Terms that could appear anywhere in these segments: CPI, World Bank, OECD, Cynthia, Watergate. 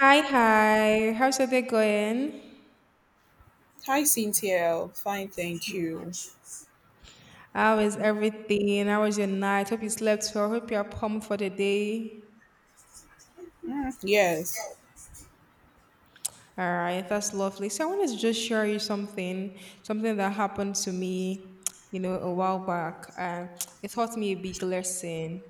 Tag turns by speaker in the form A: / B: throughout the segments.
A: Hi, hi. How's your day going?
B: Hi, Cynthia. Fine, thank you.
A: How is everything? How was your night? Hope you slept well. Hope you are pumped for the day.
B: Mm, yes.
A: All right, that's lovely. So I wanted to just share you something, something that happened to me, you know, a while back. It taught me a big lesson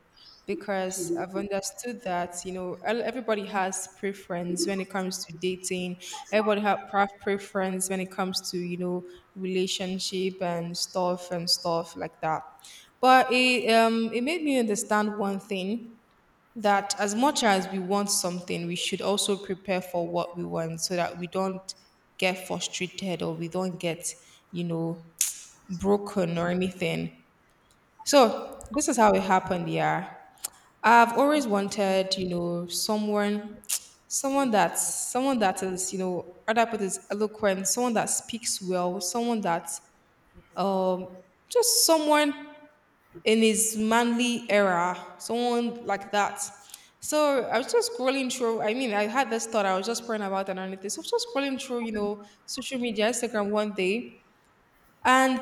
A: because I've understood that, you know, everybody has preference when it comes to dating. Everybody has preference when it comes to, you know, relationship and stuff like that. But it made me understand one thing that as much as we want something, we should also prepare for what we want so that we don't get frustrated or we don't get, you know, broken or anything. So this is how it happened, yeah. I've always wanted, you know, someone, someone that is, you know, other put is eloquent, someone that speaks well, someone that, um, just someone in his manly era, someone like that. So I was just scrolling through. I mean, I had this thought. I was just praying about and everything. So I was just scrolling through, you know, social media, Instagram one day, and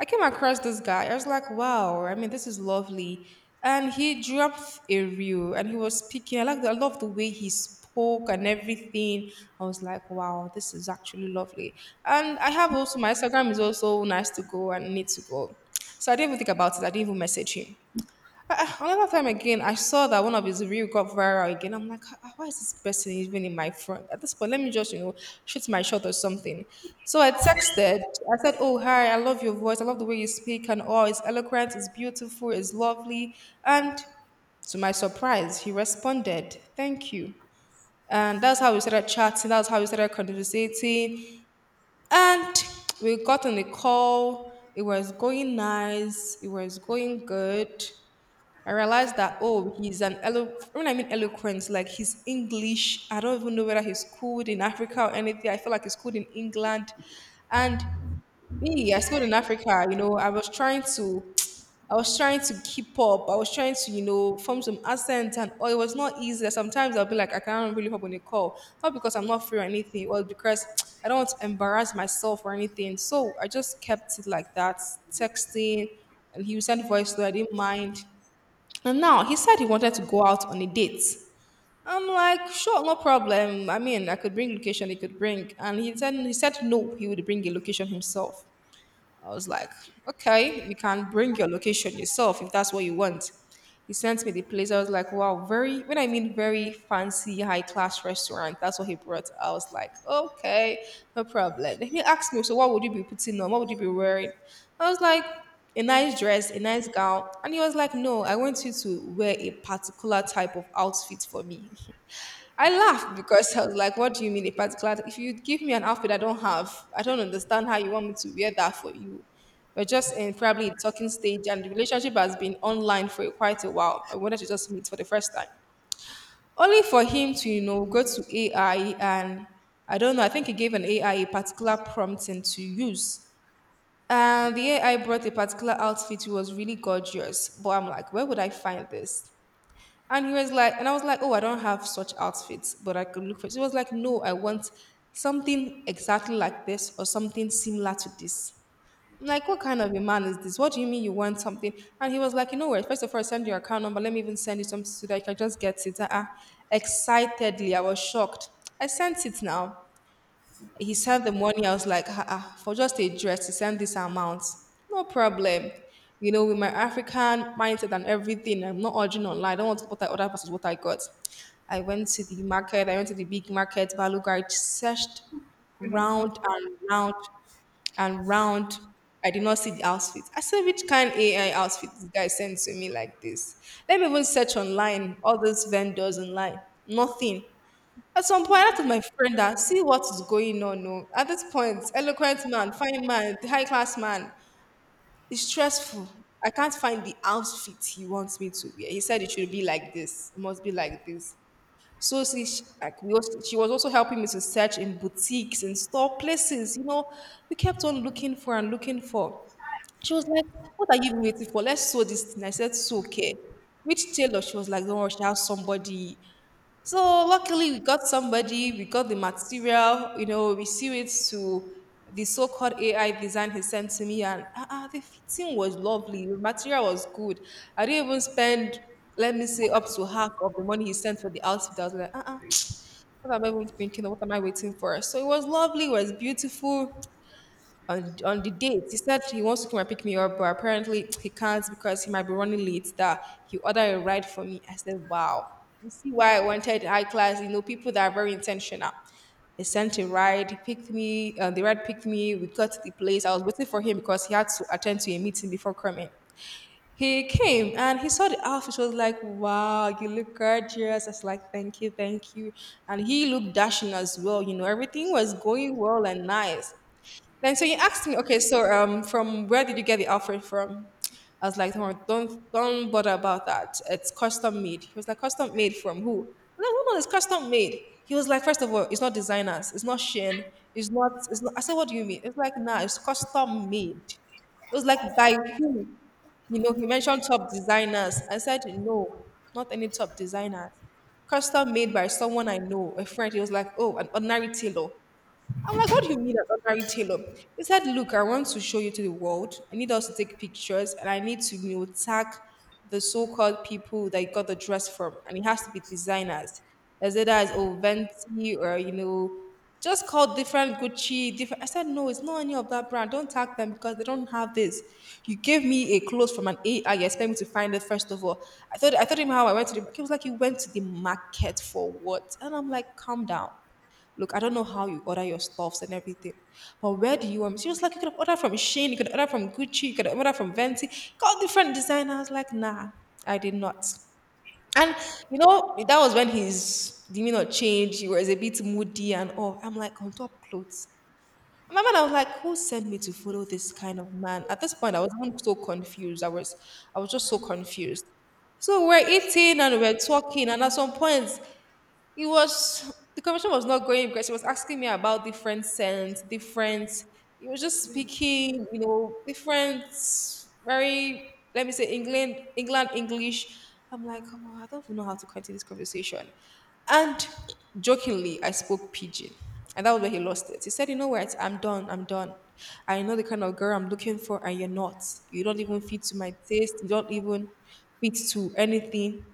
A: I came across this guy. I was like, wow, I mean, this is lovely. And he dropped a reel and he was speaking. I love the way he spoke and everything. I was like, wow, this is actually lovely. And I have also my Instagram is also nice to go and need to go. So I didn't even think about it. I didn't even message him. Ah, ah, another time again, I saw that one of his reel got viral again. I'm like, "Ah, why is this person even in my front? At this point, let me just, you know, shoot my shot or something. So I texted. I said, oh, hi, I love your voice. I love the way you speak and all. It's eloquent. It's beautiful. It's lovely. And to my surprise, he responded, thank you. And that's how we started chatting. That's how we started conversating. And we got on the call. It was going nice. It was going good. I realized that oh, when I mean eloquent, like his English. I don't even know whether he's schooled in Africa or anything. I feel like he's schooled in England, and me, I schooled in Africa. You know, I was trying to keep up. I was trying to, you know, form some accent, and oh, it was not easy. Sometimes I'll be like, I can't really hop on a call, not because I'm not free or anything, or because I don't want to embarrass myself or anything. So I just kept it like that, texting, and he would send voice note. I didn't mind. And now he said he wanted to go out on a date. I'm like, sure, no problem. I mean, I could bring location, he could bring. And he said no, he would bring a location himself. I was like, okay, you can bring your location yourself if that's what you want. He sent me the place. I was like, wow, very, when I mean very fancy, high class restaurant, that's what he brought. I was like, okay, no problem. Then he asked me, so what would you be putting on? What would you be wearing? I was like, a nice dress, a nice gown. And he was like, no, I want you to wear a particular type of outfit for me. I laughed because I was like, what do you mean a particular? If you give me an outfit I don't have, I don't understand how you want me to wear that for you. We're just in probably a talking stage and the relationship has been online for quite a while. I wanted to just meet for the first time. Only for him to, you know, go to AI and I don't know, I think he gave an AI a particular prompting to use. And the AI brought a particular outfit, it was really gorgeous. But I'm like, where would I find this? And I was like, oh, I don't have such outfits, but I could look for it. He was like, no, I want something exactly like this or something similar to this. I'm like, what kind of a man is this? What do you mean you want something? And he was like, you know what? First of all, send your account number. Let me even send you something so that you can just get it. Uh-uh. Excitedly, I was shocked. I sent it now. He sent the money. I was like, "Ah, ah, for just a dress, he sent this amount. No problem. You know, with my African mindset and everything, I'm not urging online. I don't want what I other versus what I got. I went to the market. I went to the big market, Baluga. I searched round and round and round. I did not see the outfit. I said, which kind AI outfit this guy sent to me like this? Let me even search online, all those vendors online. Nothing. At some point, I have my friend that see what is going on. No, at this point, eloquent man, fine man, high class man, it's stressful. I can't find the outfit he wants me to wear. He said it should be like this. It must be like this. So we also, she was also helping me to search in boutiques and store places. You know, we kept on looking for and looking for. She was like, "What are you waiting for? Let's sew this thing." I said, "Sew, okay." Which tailor? She was like, "Don't worry, she has somebody so luckily we got somebody, we got the material, you know, we see it to the so-called AI design he sent to me and ah, ah, the fitting was lovely. The material was good. I didn't even spend, let me say, up to half of the money he sent for the outfit. I was like, ah, ah, what am I even thinking? Of? What am I waiting for? So it was lovely, it was beautiful on the date. He said he wants to come and pick me up, but apparently he can't because he might be running late. That he ordered a ride for me. I said, "Wow, you see why I wanted high class? You know, people that are very intentional." He sent a ride. He picked me. The ride picked me. We got to the place. I was waiting for him because he had to attend to a meeting before coming. He came and he saw the outfit. He was like, "Wow, you look gorgeous." I was like, "Thank you, thank you." And he looked dashing as well. You know, everything was going well and nice. Then so you asked me, okay, so from where did you get the outfit from? I was like, don't bother about that. It's custom made. He was like, custom made from who? I'm like, no, no, it's custom made. He was like, first of all, it's not designers, it's not Shein, it's not. I said, what do you mean? It's like, nah, it's custom made. It was like by who? You know, he mentioned top designers. I said, no, not any top designers. Custom made by someone I know, a friend. He was like, oh, an ordinary tailor. I'm like, what do you mean an ordinary tailor? He said, look, I want to show you to the world. I need us to take pictures and I need to, you know, tag the so-called people that you got the dress from. And it has to be designers. As it as oh Venti or you know, just call different Gucci, different I said, no, it's not any of that brand. Don't tag them because they don't have this. You gave me a clothes from an AI, you expect me to find it first of all. I thought him how I went to the he was like, you went to the market for what? And I'm like, calm down. Look, I don't know how you order your stuffs and everything, but where do you want? She was like, you could order from Shane, you could order from Gucci, you could order from Venti, got different designers. Like, nah, I did not. And you know, that was when his demeanor changed. He was a bit moody and all. I'm like, on top clothes. And my man, I was like, who sent me to follow this kind of man? At this point, I was even so confused. I was just so confused. So we're eating and we're talking, and at some point, it was the conversation was not going because he was asking me about different scents, different. He was just speaking, different, very, let me say, England, England English. I'm like, come on, I don't even know how to continue this conversation. And jokingly, I spoke pidgin, and that was where he lost it. He said, "You know what? I'm done. I'm done. I know the kind of girl I'm looking for, and you're not. You don't even fit to my taste. You don't even fit to anything."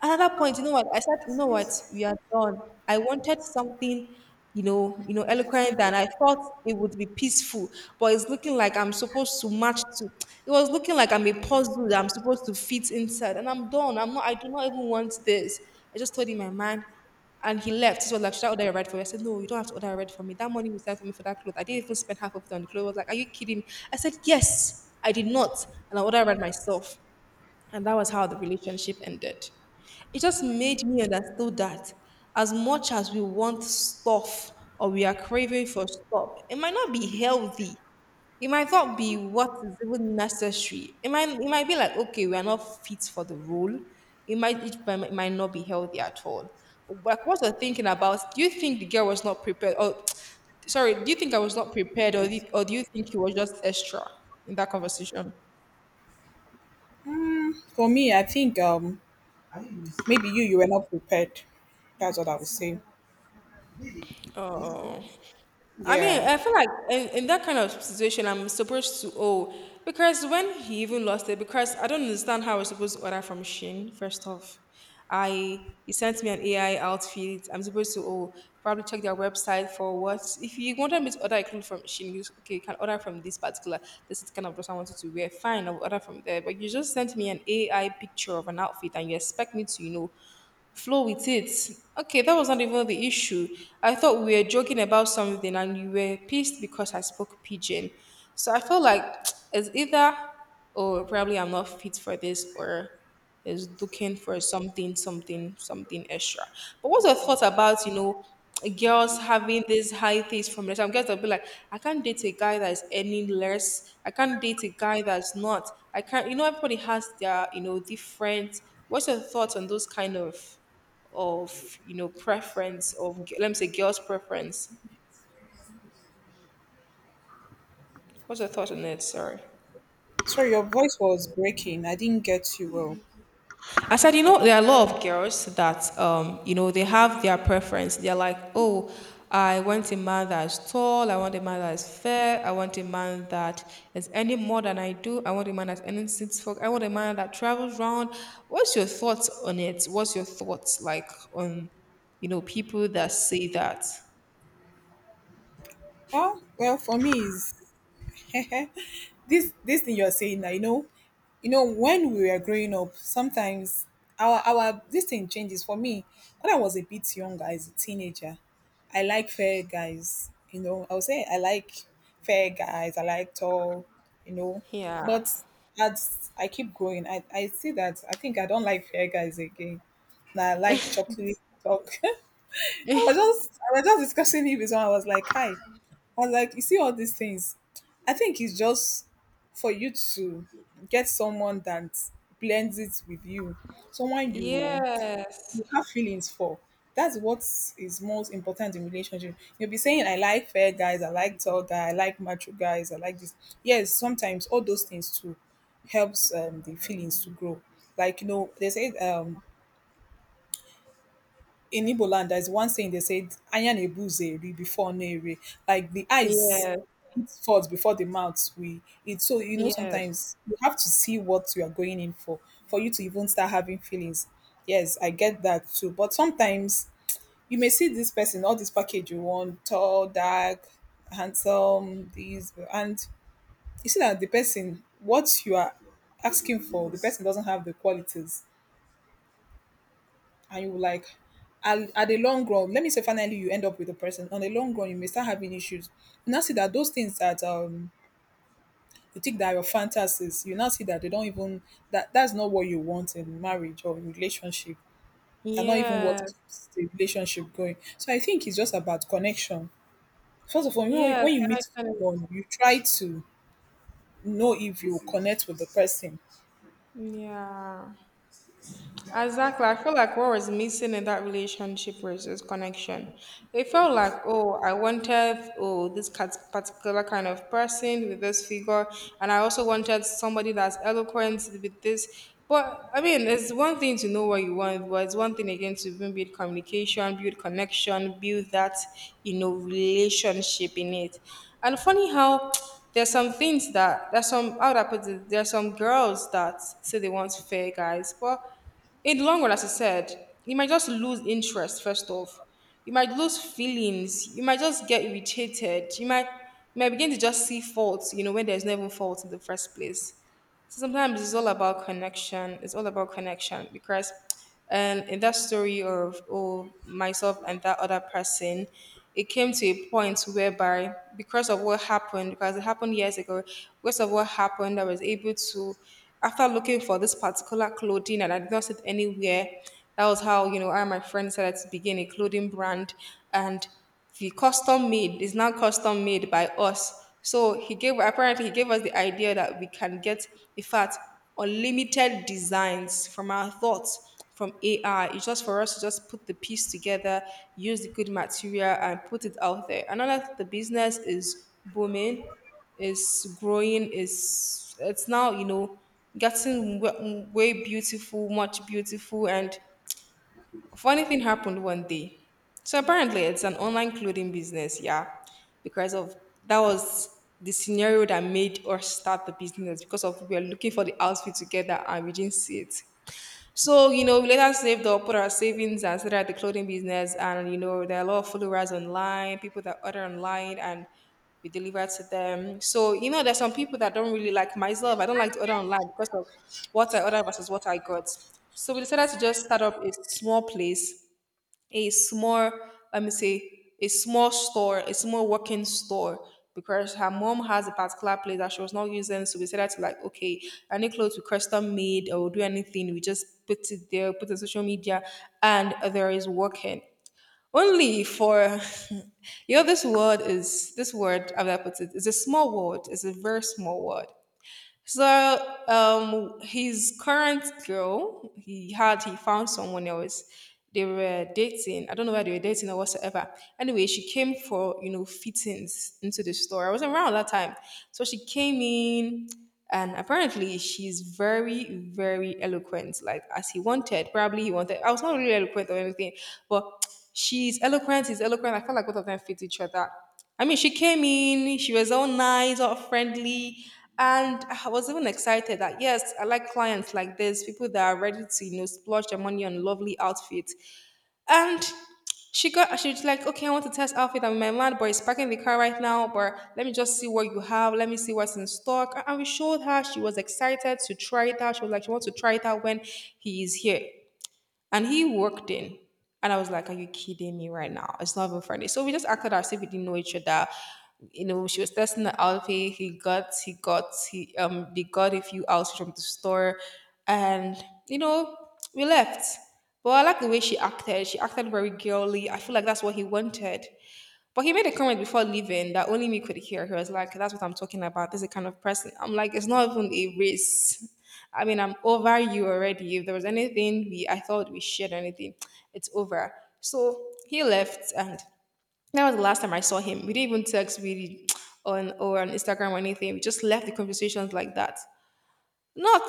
A: Another point, you know what? I said, you know what? We are done. I wanted something, eloquent, and I thought it would be peaceful, but it's looking like I'm supposed to match to. It was looking like I'm a puzzle that I'm supposed to fit inside, and I'm done. I'm not. I do not even want this. I just told him my mind, and he left. He was like, "Should I order a ride for you?" I said, "No, you don't have to order a ride for me. That money you spent for me for that clothes, I didn't even spend half of it on the clothes." I was like, "Are you kidding me?" I said, "Yes, I did not, and I ordered a ride myself." And that was how the relationship ended. It just made me understand that as much as we want stuff or we are craving for stuff, it might not be healthy. It might not be what is even necessary. It might, it might be like, okay, we are not fit for the role. It might not be healthy at all. But like what you're thinking about, do you think the girl was not prepared? Or sorry, do you think I was not prepared, or, do you think he was just extra in that conversation?
B: Mm, for me, I think maybe you were not prepared. That's what I would say.
A: Oh. I mean,
B: Yeah.
A: I feel like in that kind of situation, I'm supposed to owe, because when he even lost it, because I don't understand how I was supposed to order from Shein. First off, I he sent me an AI outfit. I'm supposed to, oh, probably check their website for what, if you wanted me to order a clothes from Shein. You, okay, you can order from this particular. This is the kind of dress I wanted to wear. Fine, I'll order from there. But you just sent me an AI picture of an outfit and you expect me to, you know, flow with it. Okay, that was not even the issue. I thought we were joking about something and you were pissed because I spoke pigeon. So I felt like it's either, oh, probably I'm not fit for this, or is looking for something, extra. But what's your thought about, you know, girls having these high things from their, some girls will be like, I can't date a guy that is any less. I can't date a guy that's not. I can't. You know, everybody has their, you know, different. What's your thoughts on those kind of, you know, preference of, let me say, girls' preference? What's your thoughts on it? Sorry.
B: Sorry, your voice was breaking. I didn't get you well.
A: I said, you know, there are a lot of girls that, you know, they have their preference. They're like, oh, I want a man that is tall. I want a man that is fair. I want a man that is any more than I do. I want a man that's earning six folk. I want a man that travels round. What's your thoughts on it? What's your thoughts like on, you know, people that say that?
B: Ah, well, for me is this thing you're saying now, you know, when we were growing up, sometimes our this thing changes. For me, when I was a bit younger as a teenager, I like fair guys. You know, I would say I like fair guys, I like tall, you know.
A: Yeah.
B: But as I keep growing, I see that I think I don't like fair guys again. Now I like chocolate talk. I was just discussing it with someone. I was like, hi. I was like, you see all these things. I think it's just for you to get someone that blends it with you. Someone you
A: Yes.
B: you have feelings for. That's what is most important in relationship. You'll be saying, I like fair guys, I like tall guy, I like macho guys, I like this. Yes, sometimes all those things too helps the feelings to grow. Like you know, they say in Igbo land, there's one saying they said, Anya na-ebu ụzọ eri before ọnụ eri. Like the eyes
A: Yes.
B: eat first before the mouth we eat. So, you know,
A: Yes.
B: sometimes you have to see what you are going in for you to even start having feelings. Yes, I get that too. But sometimes you may see this person, all this package you want, tall, dark, handsome, these, and you see that the person, what you are asking for, the person doesn't have the qualities and you like at the long run, let me say, finally you end up with a person. On the long run, you may start having issues. You now see that those things that you think that are your fantasies, you now see that they don't even, that's not what you want in marriage or in relationship. They're not even what
A: Yes.
B: keeps the relationship going. So I think it's just about connection first of all
A: Yes.
B: when you
A: Can
B: meet
A: I finish?
B: someone. You try to know if you connect with the person.
A: Yeah. Exactly. I feel like what was missing in that relationship was this connection. It felt like, oh, I wanted, oh, this particular kind of person with this figure. And I also wanted somebody that's eloquent with this. But I mean, it's one thing to know what you want, but it's one thing again to even build communication, build connection, build that, you know, relationship in it. And funny how there's some things that, there's some, how would I put it, there's some girls that say they want fair guys, but in the long run, as I said, you might just lose interest first off. You might lose feelings. You might just get irritated. You might begin to just see faults, you know, when there's never fault in the first place. So sometimes it's all about connection. It's all about connection because, in that story of, oh, myself and that other person, it came to a point whereby, because of what happened, because it happened years ago, because of what happened, I was able to, after looking for this particular clothing and I did not see it anywhere. That was how, you know, I and my friend decided to begin a clothing brand, and the custom made is now custom made by us. So he gave, apparently he gave us the idea that we can get, in fact, unlimited designs from our thoughts, from AI. It's just for us to just put the piece together, use the good material and put it out there. And now that the business is booming, is growing, is, it's now, you know, getting way beautiful, much beautiful, and funny thing happened one day. So apparently it's an online clothing business, yeah. Because of, that was the scenario that made us start the business, because of, we were looking for the outfit together and we didn't see it. So, you know, we later saved up, put our savings and started the clothing business. And, you know, there are a lot of followers online, people that order online and we deliver to them. So, you know, there's some people that don't really, like myself, I don't like to order online because of what I ordered versus what I got. So we decided to just start up a small place, a small, let me say, a small store, a small working store, because her mom has a particular place that she was not using, so we said that to like, okay, any clothes we custom made or do anything, we just put it there, put it on social media, and there is working only for you know, this word is this word, how do I put it, it's a small word, it's a very small word. So, his current girl, he found someone else. They were dating. I don't know whether they were dating or whatsoever. Anyway, she came for, you know, fittings into the store. I wasn't around that time, so she came in, and apparently she's very eloquent. Like as he wanted, probably he wanted. I was not really eloquent or anything, but she's eloquent. He's eloquent. I felt like both of them fit each other. I mean, she came in, she was all nice, all friendly, and I was even excited that yes, I like clients like this, people that are ready to, you know, splurge their money on lovely outfits. And she got, she was like, okay, I want to test outfit. I'm with my man, but he's parking the car right now, but let me just see what you have. Let me see what's in stock. And we showed her, she was excited to try it out. She was like, she wants to try it out when he is here. And he walked in. And I was like, are you kidding me right now? It's not even funny. So we just acted as if we didn't know each other. You know, she was testing the outfit. He they got a few outfits from the store. And, you know, we left. But I like the way she acted. She acted very girly. I feel like that's what he wanted. But he made a comment before leaving that only me could hear. He was like, that's what I'm talking about. This is the kind of person. I'm like, it's not even a race. I mean, I'm over you already. If there was anything we I thought we shared anything, it's over. So he left, and that was the last time I saw him. We didn't even text really on Instagram or anything. We just left the conversations like that. Not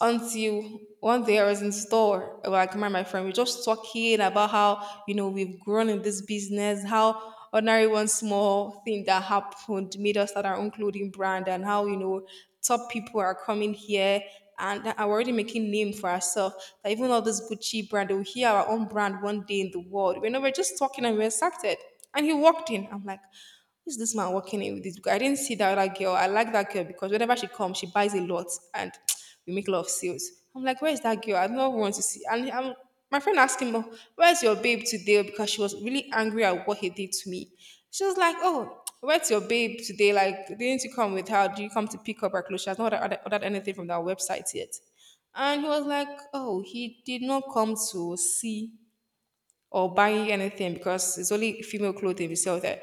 A: until one day I was in store, like my friend, we just talking about how, you know, we've grown in this business, how ordinary one small thing that happened made us start our own clothing brand, and how, you know, top people are coming here and that are already making name for ourselves. That even all this Gucci brand, we'll hear our own brand one day in the world. You know, we're just talking and we're excited. And he walked in. I'm like, is this man walking in with this girl? I didn't see that other girl. I like that girl because whenever she comes, she buys a lot and we make a lot of sales. I'm like, where is that girl? I don't want to see. My friend asked him, "Oh, where's your babe today?" Because she was really angry at what he did to me. She was like, oh, where's your babe today? Like, didn't you come with her? Do you come to pick up her clothes? She has not ordered anything from that website yet. And he was like, oh, he did not come to see or buy anything because it's only female clothing we sell there.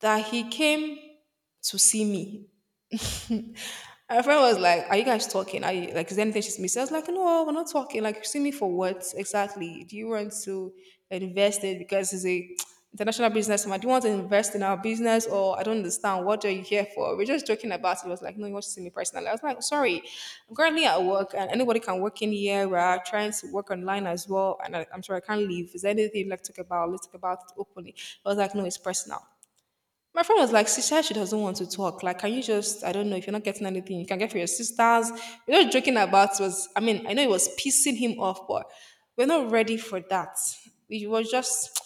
A: That he came to see me. Her friend was like, are you guys talking? Are you like is there anything she's missing? I was like, no, we're not talking. Like, you see me for what exactly? Do you want to invest in because it's a international businessman? Do you want to invest in our business? Or I don't understand. What are you here for? We're just joking about it. It was like, no, you want to see me personally. I was like, sorry, I'm currently at work and anybody can work in here. We're trying to work online as well. And I'm sorry I can't leave. Is there anything you'd like to talk about? Let's talk about it openly. I was like, no, it's personal. My friend was like, sister, she doesn't want to talk. Like, can you just, I don't know, if you're not getting anything, you can get for your sisters. We were joking about was, I mean, I know it was pissing him off, but we're not ready for that. It was just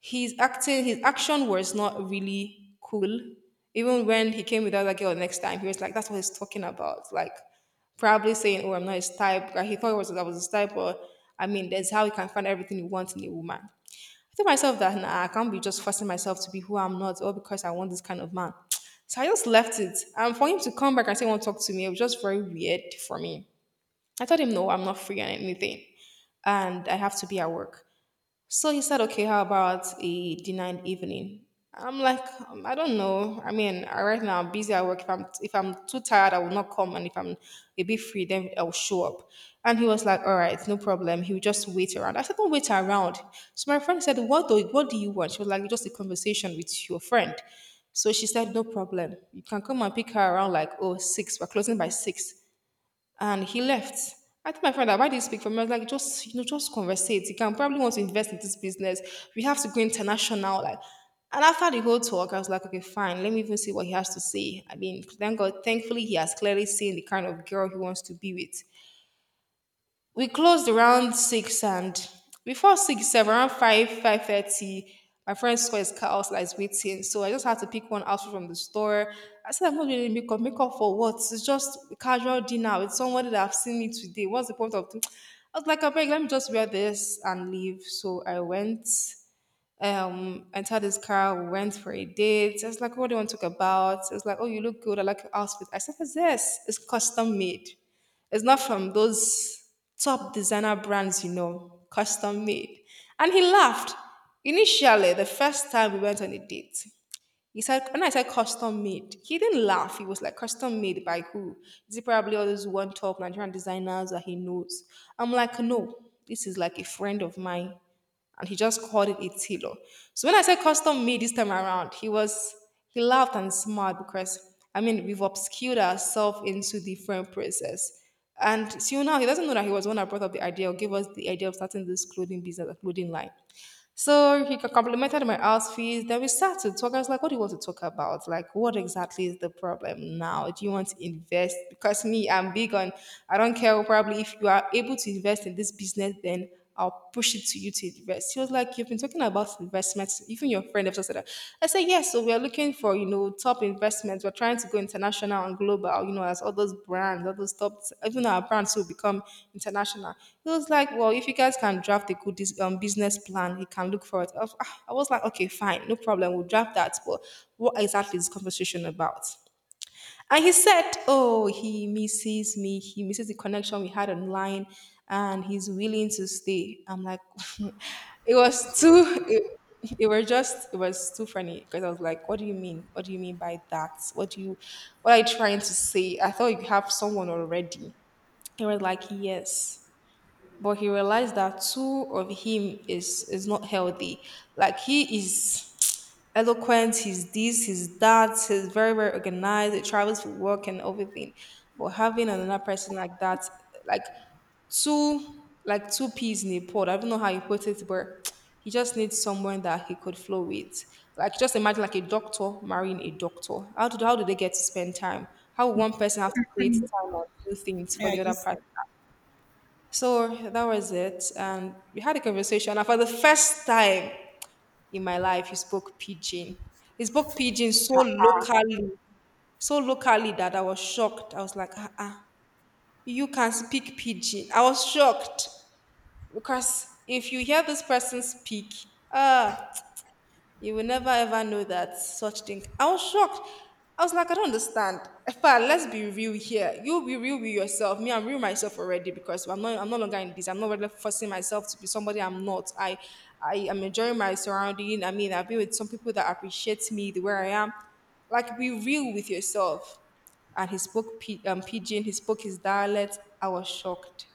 A: his acting, his action was not really cool. Even when he came with the other girl next time, he was like, that's what he's talking about. Like, probably saying, oh, I'm not his type. Like, he thought it was that was his type, but I mean, that's how you can find everything you want in a woman, tell myself that nah, I can't be just forcing myself to be who I'm not, all because I want this kind of man. So I just left it. And for him to come back and say, he, "Want to talk to me?" it was just very weird for me. I told him, "No, I'm not free on anything, and I have to be at work." So he said, okay, how about a dinner in the evening? I'm like, I don't know. I mean, right now I'm busy at work. If I'm too tired, I will not come. And if I'm a bit free, then I will show up. And he was like, all right, no problem. He will just wait around. I said, don't wait around. So my friend said, what do you want? She was like, just a conversation with your friend. So she said, no problem. You can come and pick her around like oh six. We're closing by six and he left. I told my friend that why did you speak for me? I was like, just you know, just conversate. You can probably want to invest in this business. We have to go international. Like, and after the whole talk, I was like, okay, fine. Let me even see what he has to say. I mean, thank God, thankfully, he has clearly seen the kind of girl he wants to be with. We closed around six, and before 6, 7, around 5, 5:30, my friend saw his car outside like, waiting. So I just had to pick one outfit from the store. I said I'm not really makeup makeup for what. It's just a casual dinner with somebody that I've seen me today. What's the point of? I was like, I beg, let me just wear this and leave. So I went, entered his car. We went for a date. I was like, what do you want to talk about? It's like, oh, you look good, I like your outfit. I said, yes, yes, it's custom made. It's not from those top designer brands, you know, custom made. And he laughed. Initially, the first time we went on a date, he said, when I said custom made, he didn't laugh. He was like, custom made by who? Is it probably all those one top Nigerian designers that he knows? I'm like, no, this is like a friend of mine. And he just called it a tilo. So when I said custom made this time around, he laughed and smiled because I mean we've obscured ourselves into the frame process. And till now, he doesn't know that he was the one that brought up the idea or gave us the idea of starting this clothing business, a clothing line. So he complimented my outfits. Then we started talking. I was like, what do you want to talk about? Like, what exactly is the problem now? Do you want to invest? Because me, I'm big on, I don't care, probably if you are able to invest in this business, then I'll push it to you to invest. He was like, you've been talking about investments. Even your friend have just said that. I said, yes, so we are looking for, you know, top investments. We're trying to go international and global, you know, as all those brands, all those top even our brands will become international. He was like, well, if you guys can draft a good business plan, he can look for it. I was like, okay, fine, no problem. We'll draft that. But what exactly is this conversation about? And he said, oh, he misses me. He misses the connection we had online and he's willing to stay. I'm like, it was too, it, it was too funny because I was like, what do you mean? What do you mean by that? What do you, what are you trying to say? I thought you have someone already. He was like, yes. But he realized that two of him is not healthy. Like he is eloquent. He's this, he's that. He's very, very organized. He travels for work and everything. But having another person like that, like like two peas in a pod. I don't know how you put it, but he just needs someone that he could flow with. Like just imagine like a doctor marrying a doctor. How do they get to spend time? How would one person have to create time or do things for
B: Yeah,
A: the other
B: yes.
A: person? So that was it. And we had a conversation. And for the first time in my life, he spoke pidgin. He spoke pidgin so locally that I was shocked. I was like, ah, ah, you can speak pidgin. I was shocked because if you hear this person speak, ah, you will never ever know that such thing. I was shocked. I was like, I don't understand. But let's be real here. You be real with yourself. Me, I'm real myself already because I'm not. I'm no longer in this. I'm not really forcing myself to be somebody I'm not. I am enjoying my surrounding. I mean, I've been with some people that appreciate me the way I am. Like, be real with yourself. And he spoke pidgin. He spoke his dialect. I was shocked.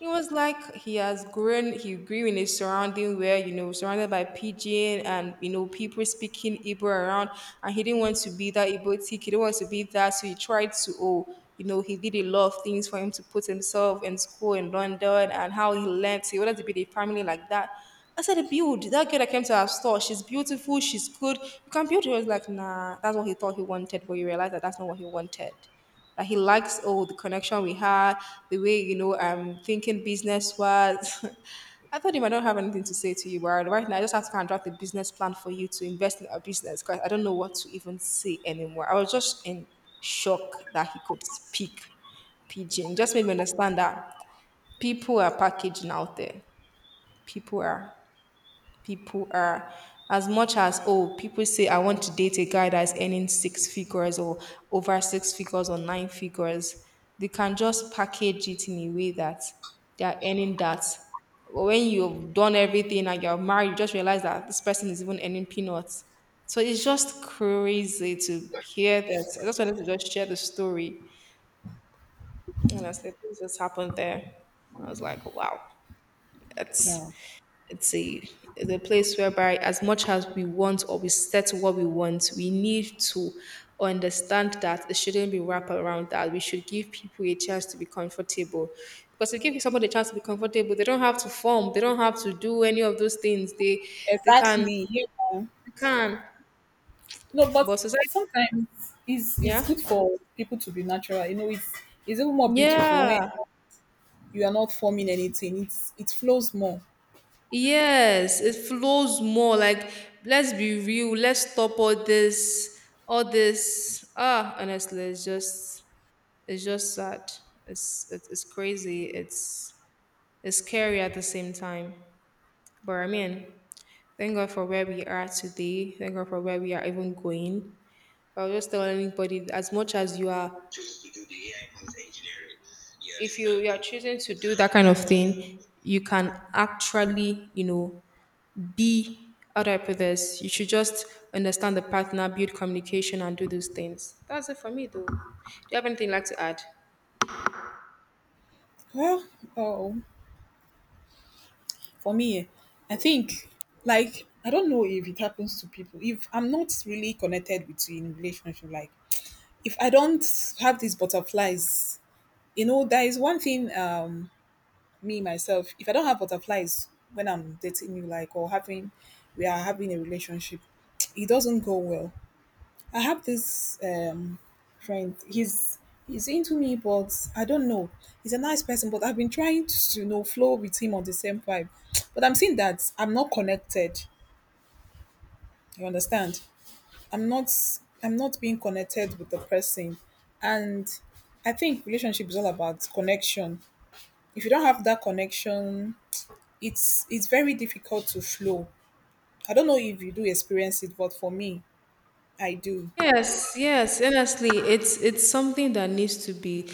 A: It was like he grew in a surrounding where, you know, surrounded by pigeon and, you know, people speaking Igbo around. And he didn't want to be that Igbo tick. He didn't want to be that. So he tried to, oh, you know, he did a lot of things for him to put himself in school in London and how he learned. He wanted to build a family like that. I said, build. That girl that came to our store, she's beautiful, she's good. You can build. He was like, nah, that's what he thought he wanted. But you realize that that's not what he wanted. That he likes all the connection we had, the way you know I'm thinking business was. I thought he might not have anything to say to you, but right now I just have to kind of draft a business plan for you to invest in our business because I don't know what to even say anymore. I was just in shock that he could speak pidgin. Just made me understand that people are packaging out there. People are people are As much as, oh, people say, "I want to date a guy that's earning six figures, or over six figures, or nine figures." They can just package it in a way that they are earning that. But when you've done everything and you're married, you just realize that this person is even earning peanuts. So it's just crazy to hear this. I just wanted to just share the story, and I said this just happened there. I was like, wow, that's—
B: Yeah.
A: it's a it's a place whereby as much as we want or we set what we want, we need to understand that it shouldn't be wrapped around that. We should give people a chance to be comfortable. Because if you give somebody a chance to be comfortable, they don't have to form, they don't have to do any of those things. They can
B: Exactly, yeah.
A: they can.
B: No, but
A: But society—
B: sometimes it's
A: yeah.
B: good for people to be natural. You know, it's even more beautiful when
A: Yeah.
B: you are not forming anything. It's it flows more.
A: Yes. It flows more. Like, let's be real. Let's stop all this, ah, honestly, it's just sad. It's crazy. It's scary at the same time. But I mean, thank God for where we are today. Thank God for where we are even going. I'll just tell anybody, as much as you are, if you are choosing to do that kind of thing, you can actually, be— how do I put this? You should just understand the partner, build communication, and do those things. That's it for me, though. Do you have anything you'd like to add?
B: Well, oh, for me, eh, I think, like, I don't know if it happens to people. If I'm not really connected with you in relationship, like if I don't have these butterflies, you know, there is one thing. Me myself, if I don't have butterflies when I'm dating you, like, or having, we are having a relationship, it doesn't go well. I have this friend. He's into me, but I don't know. He's a nice person, but I've been trying to you know flow with him on the same vibe. But I'm seeing that I'm not connected. You understand? I'm not I'm not being connected with the person. And I think relationship is all about connection. If you don't have that connection, it's very difficult to flow. I don't know if you do experience it, but for me, I do.
A: Yes, yes. Honestly, it's something that needs to be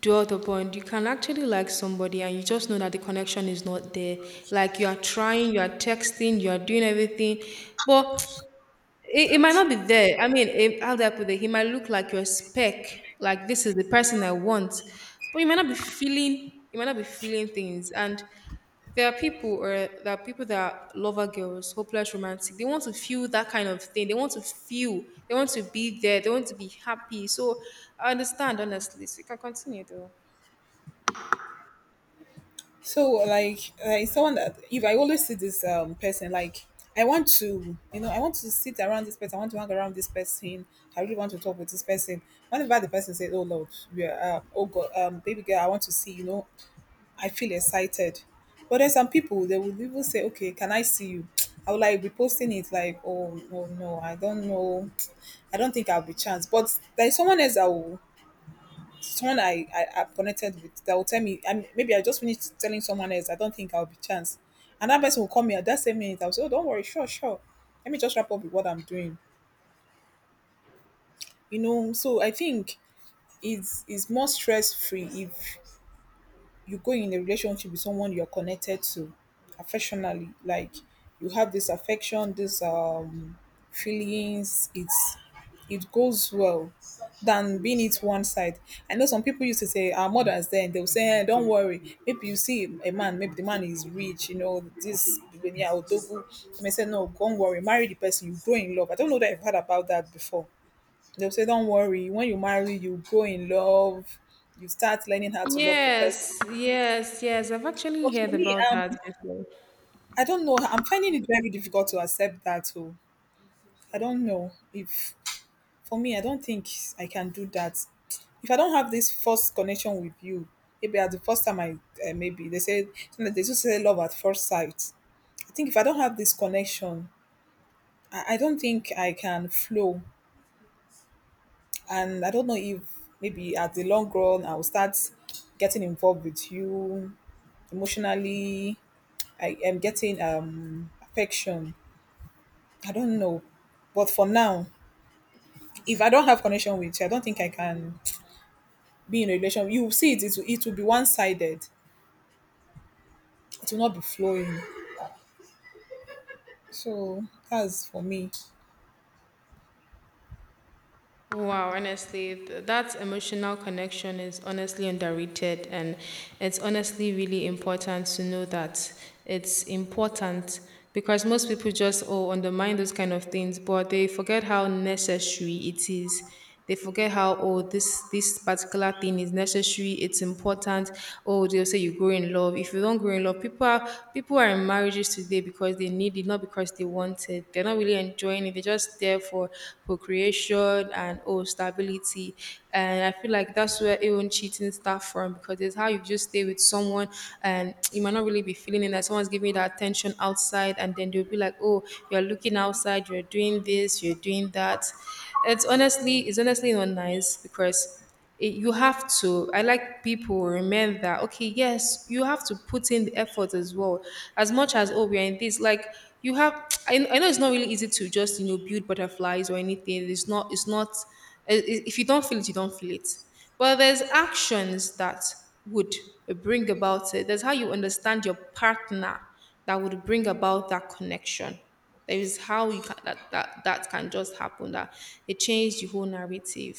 A: dwelt upon. You can actually like somebody and you just know that the connection is not there. Like, you are trying, you are texting, you are doing everything, but it might not be there. I mean, it— how do I put it? He might look like your spec, like this is the person I want, but you might not be feeling. You might not be feeling things, and there are people, or there are people that are lover girls, hopeless romantic. They want to feel that kind of thing. They want to feel. They want to be there. They want to be happy. So I understand, honestly. So you can continue though.
B: So, like someone that, if I always see this person, like I want to you know I want to sit around this person, I want to hang around this person, I really want to talk with this person. Whenever the person says, oh Lord, yeah, oh God, baby girl, I want to see you know, I feel excited. But there's some people they will even say, okay, can I see you? I will like be posting it, like, oh no no, I don't know. I don't think I'll be chance. But there's someone else that will, someone I've connected with, that will tell me, and maybe I just finished telling someone else, I don't think I'll be chance. And that person will call me at that same minute. I'll say, oh, don't worry, sure, sure. Let me just wrap up with what I'm doing. You know, so I think it's more stress free if you go in a relationship with someone you're connected to affectionally. Like you have this affection, this feelings, it's it goes well than being it one side. I know some people used to say, our mothers then, they'll say, "Eh, don't worry, maybe you see a man, maybe the man is rich, you know, this billionaire or dogu, they may say, no, don't worry, marry the person, you grow in love." I don't know that. I have heard about that before. They'll say, don't worry, when you marry, you grow in love. You start learning how to love the person.
A: Yes, yes, yes. I've actually
B: But
A: heard
B: for me,
A: about that before.
B: I don't know. I'm finding it very difficult to accept that. Oh, I don't know if, for me, I don't think I can do that. If I don't have this first connection with you, maybe at the first time I, maybe they say, they just say, love at first sight. I think if I don't have this connection, I don't think I can flow, and I don't know if maybe at the long run I will start getting involved with you emotionally. I am getting affection, I don't know. But for now, if I don't have connection with you, I don't think I can be in a relationship. You will see it, it will be one sided. It will not be flowing. So that's for me.
A: Wow, honestly, that emotional connection is honestly underrated, and it's honestly really important to know that it's important because most people just, oh, undermine those kind of things, but they forget how necessary it is. They forget how, oh, this particular thing is necessary, it's important. Oh, they'll say you grow in love. If you don't grow in love, people are in marriages today because they need it, not because they want it. They're not really enjoying it. They're just there for procreation and, oh, stability. And I feel like that's where even cheating starts from, because it's how you just stay with someone and you might not really really be feeling it. That someone's giving you that attention outside, and then they'll be like, "Oh, you're looking outside. You're doing this. You're doing that." It's honestly not nice because you have to— I, like, people remember that, okay, yes, you have to put in the effort as well, as much as, oh, we're in this, like, you have— I know it's not really easy to just build butterflies or anything. It's not. If you don't feel it, you don't feel it, but there's actions that would bring about it. There's how you understand your partner that would bring about that connection. There is how you can, that can just happen. That it changed the whole narrative.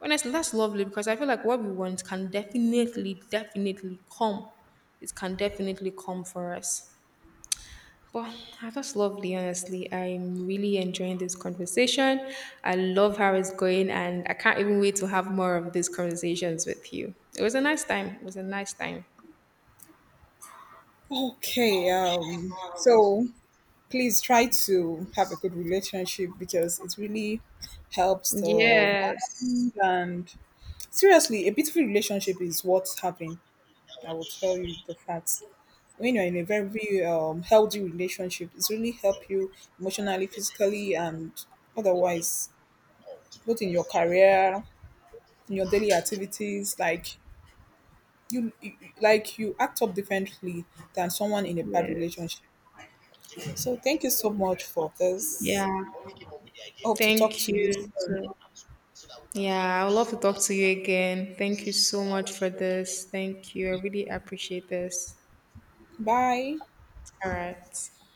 A: Honestly, that's lovely because I feel like what we want can definitely, definitely come. It can definitely come for us. Well, that was lovely, honestly. I'm really enjoying this conversation. I love how it's going, and I can't even wait to have more of these conversations with you. It was a nice time. It was a nice time.
B: Okay. So please try to have a good relationship because it really helps the mind
A: Yes.
B: and seriously, a beautiful relationship is what's happening. I will tell you the facts. When you're in a very healthy relationship, it's really help you emotionally, physically, and otherwise, both in your career, in your daily activities. Like you, you- like you act up differently than someone in a bad
A: Yes.
B: relationship. So thank you so much for this.
A: Yeah.
B: Hope to talk
A: Thank
B: to you
A: you.
B: soon.
A: too. Yeah, I would love to talk to you again. Thank you so much for this. Thank you. I really appreciate this.
B: Bye.
A: All right.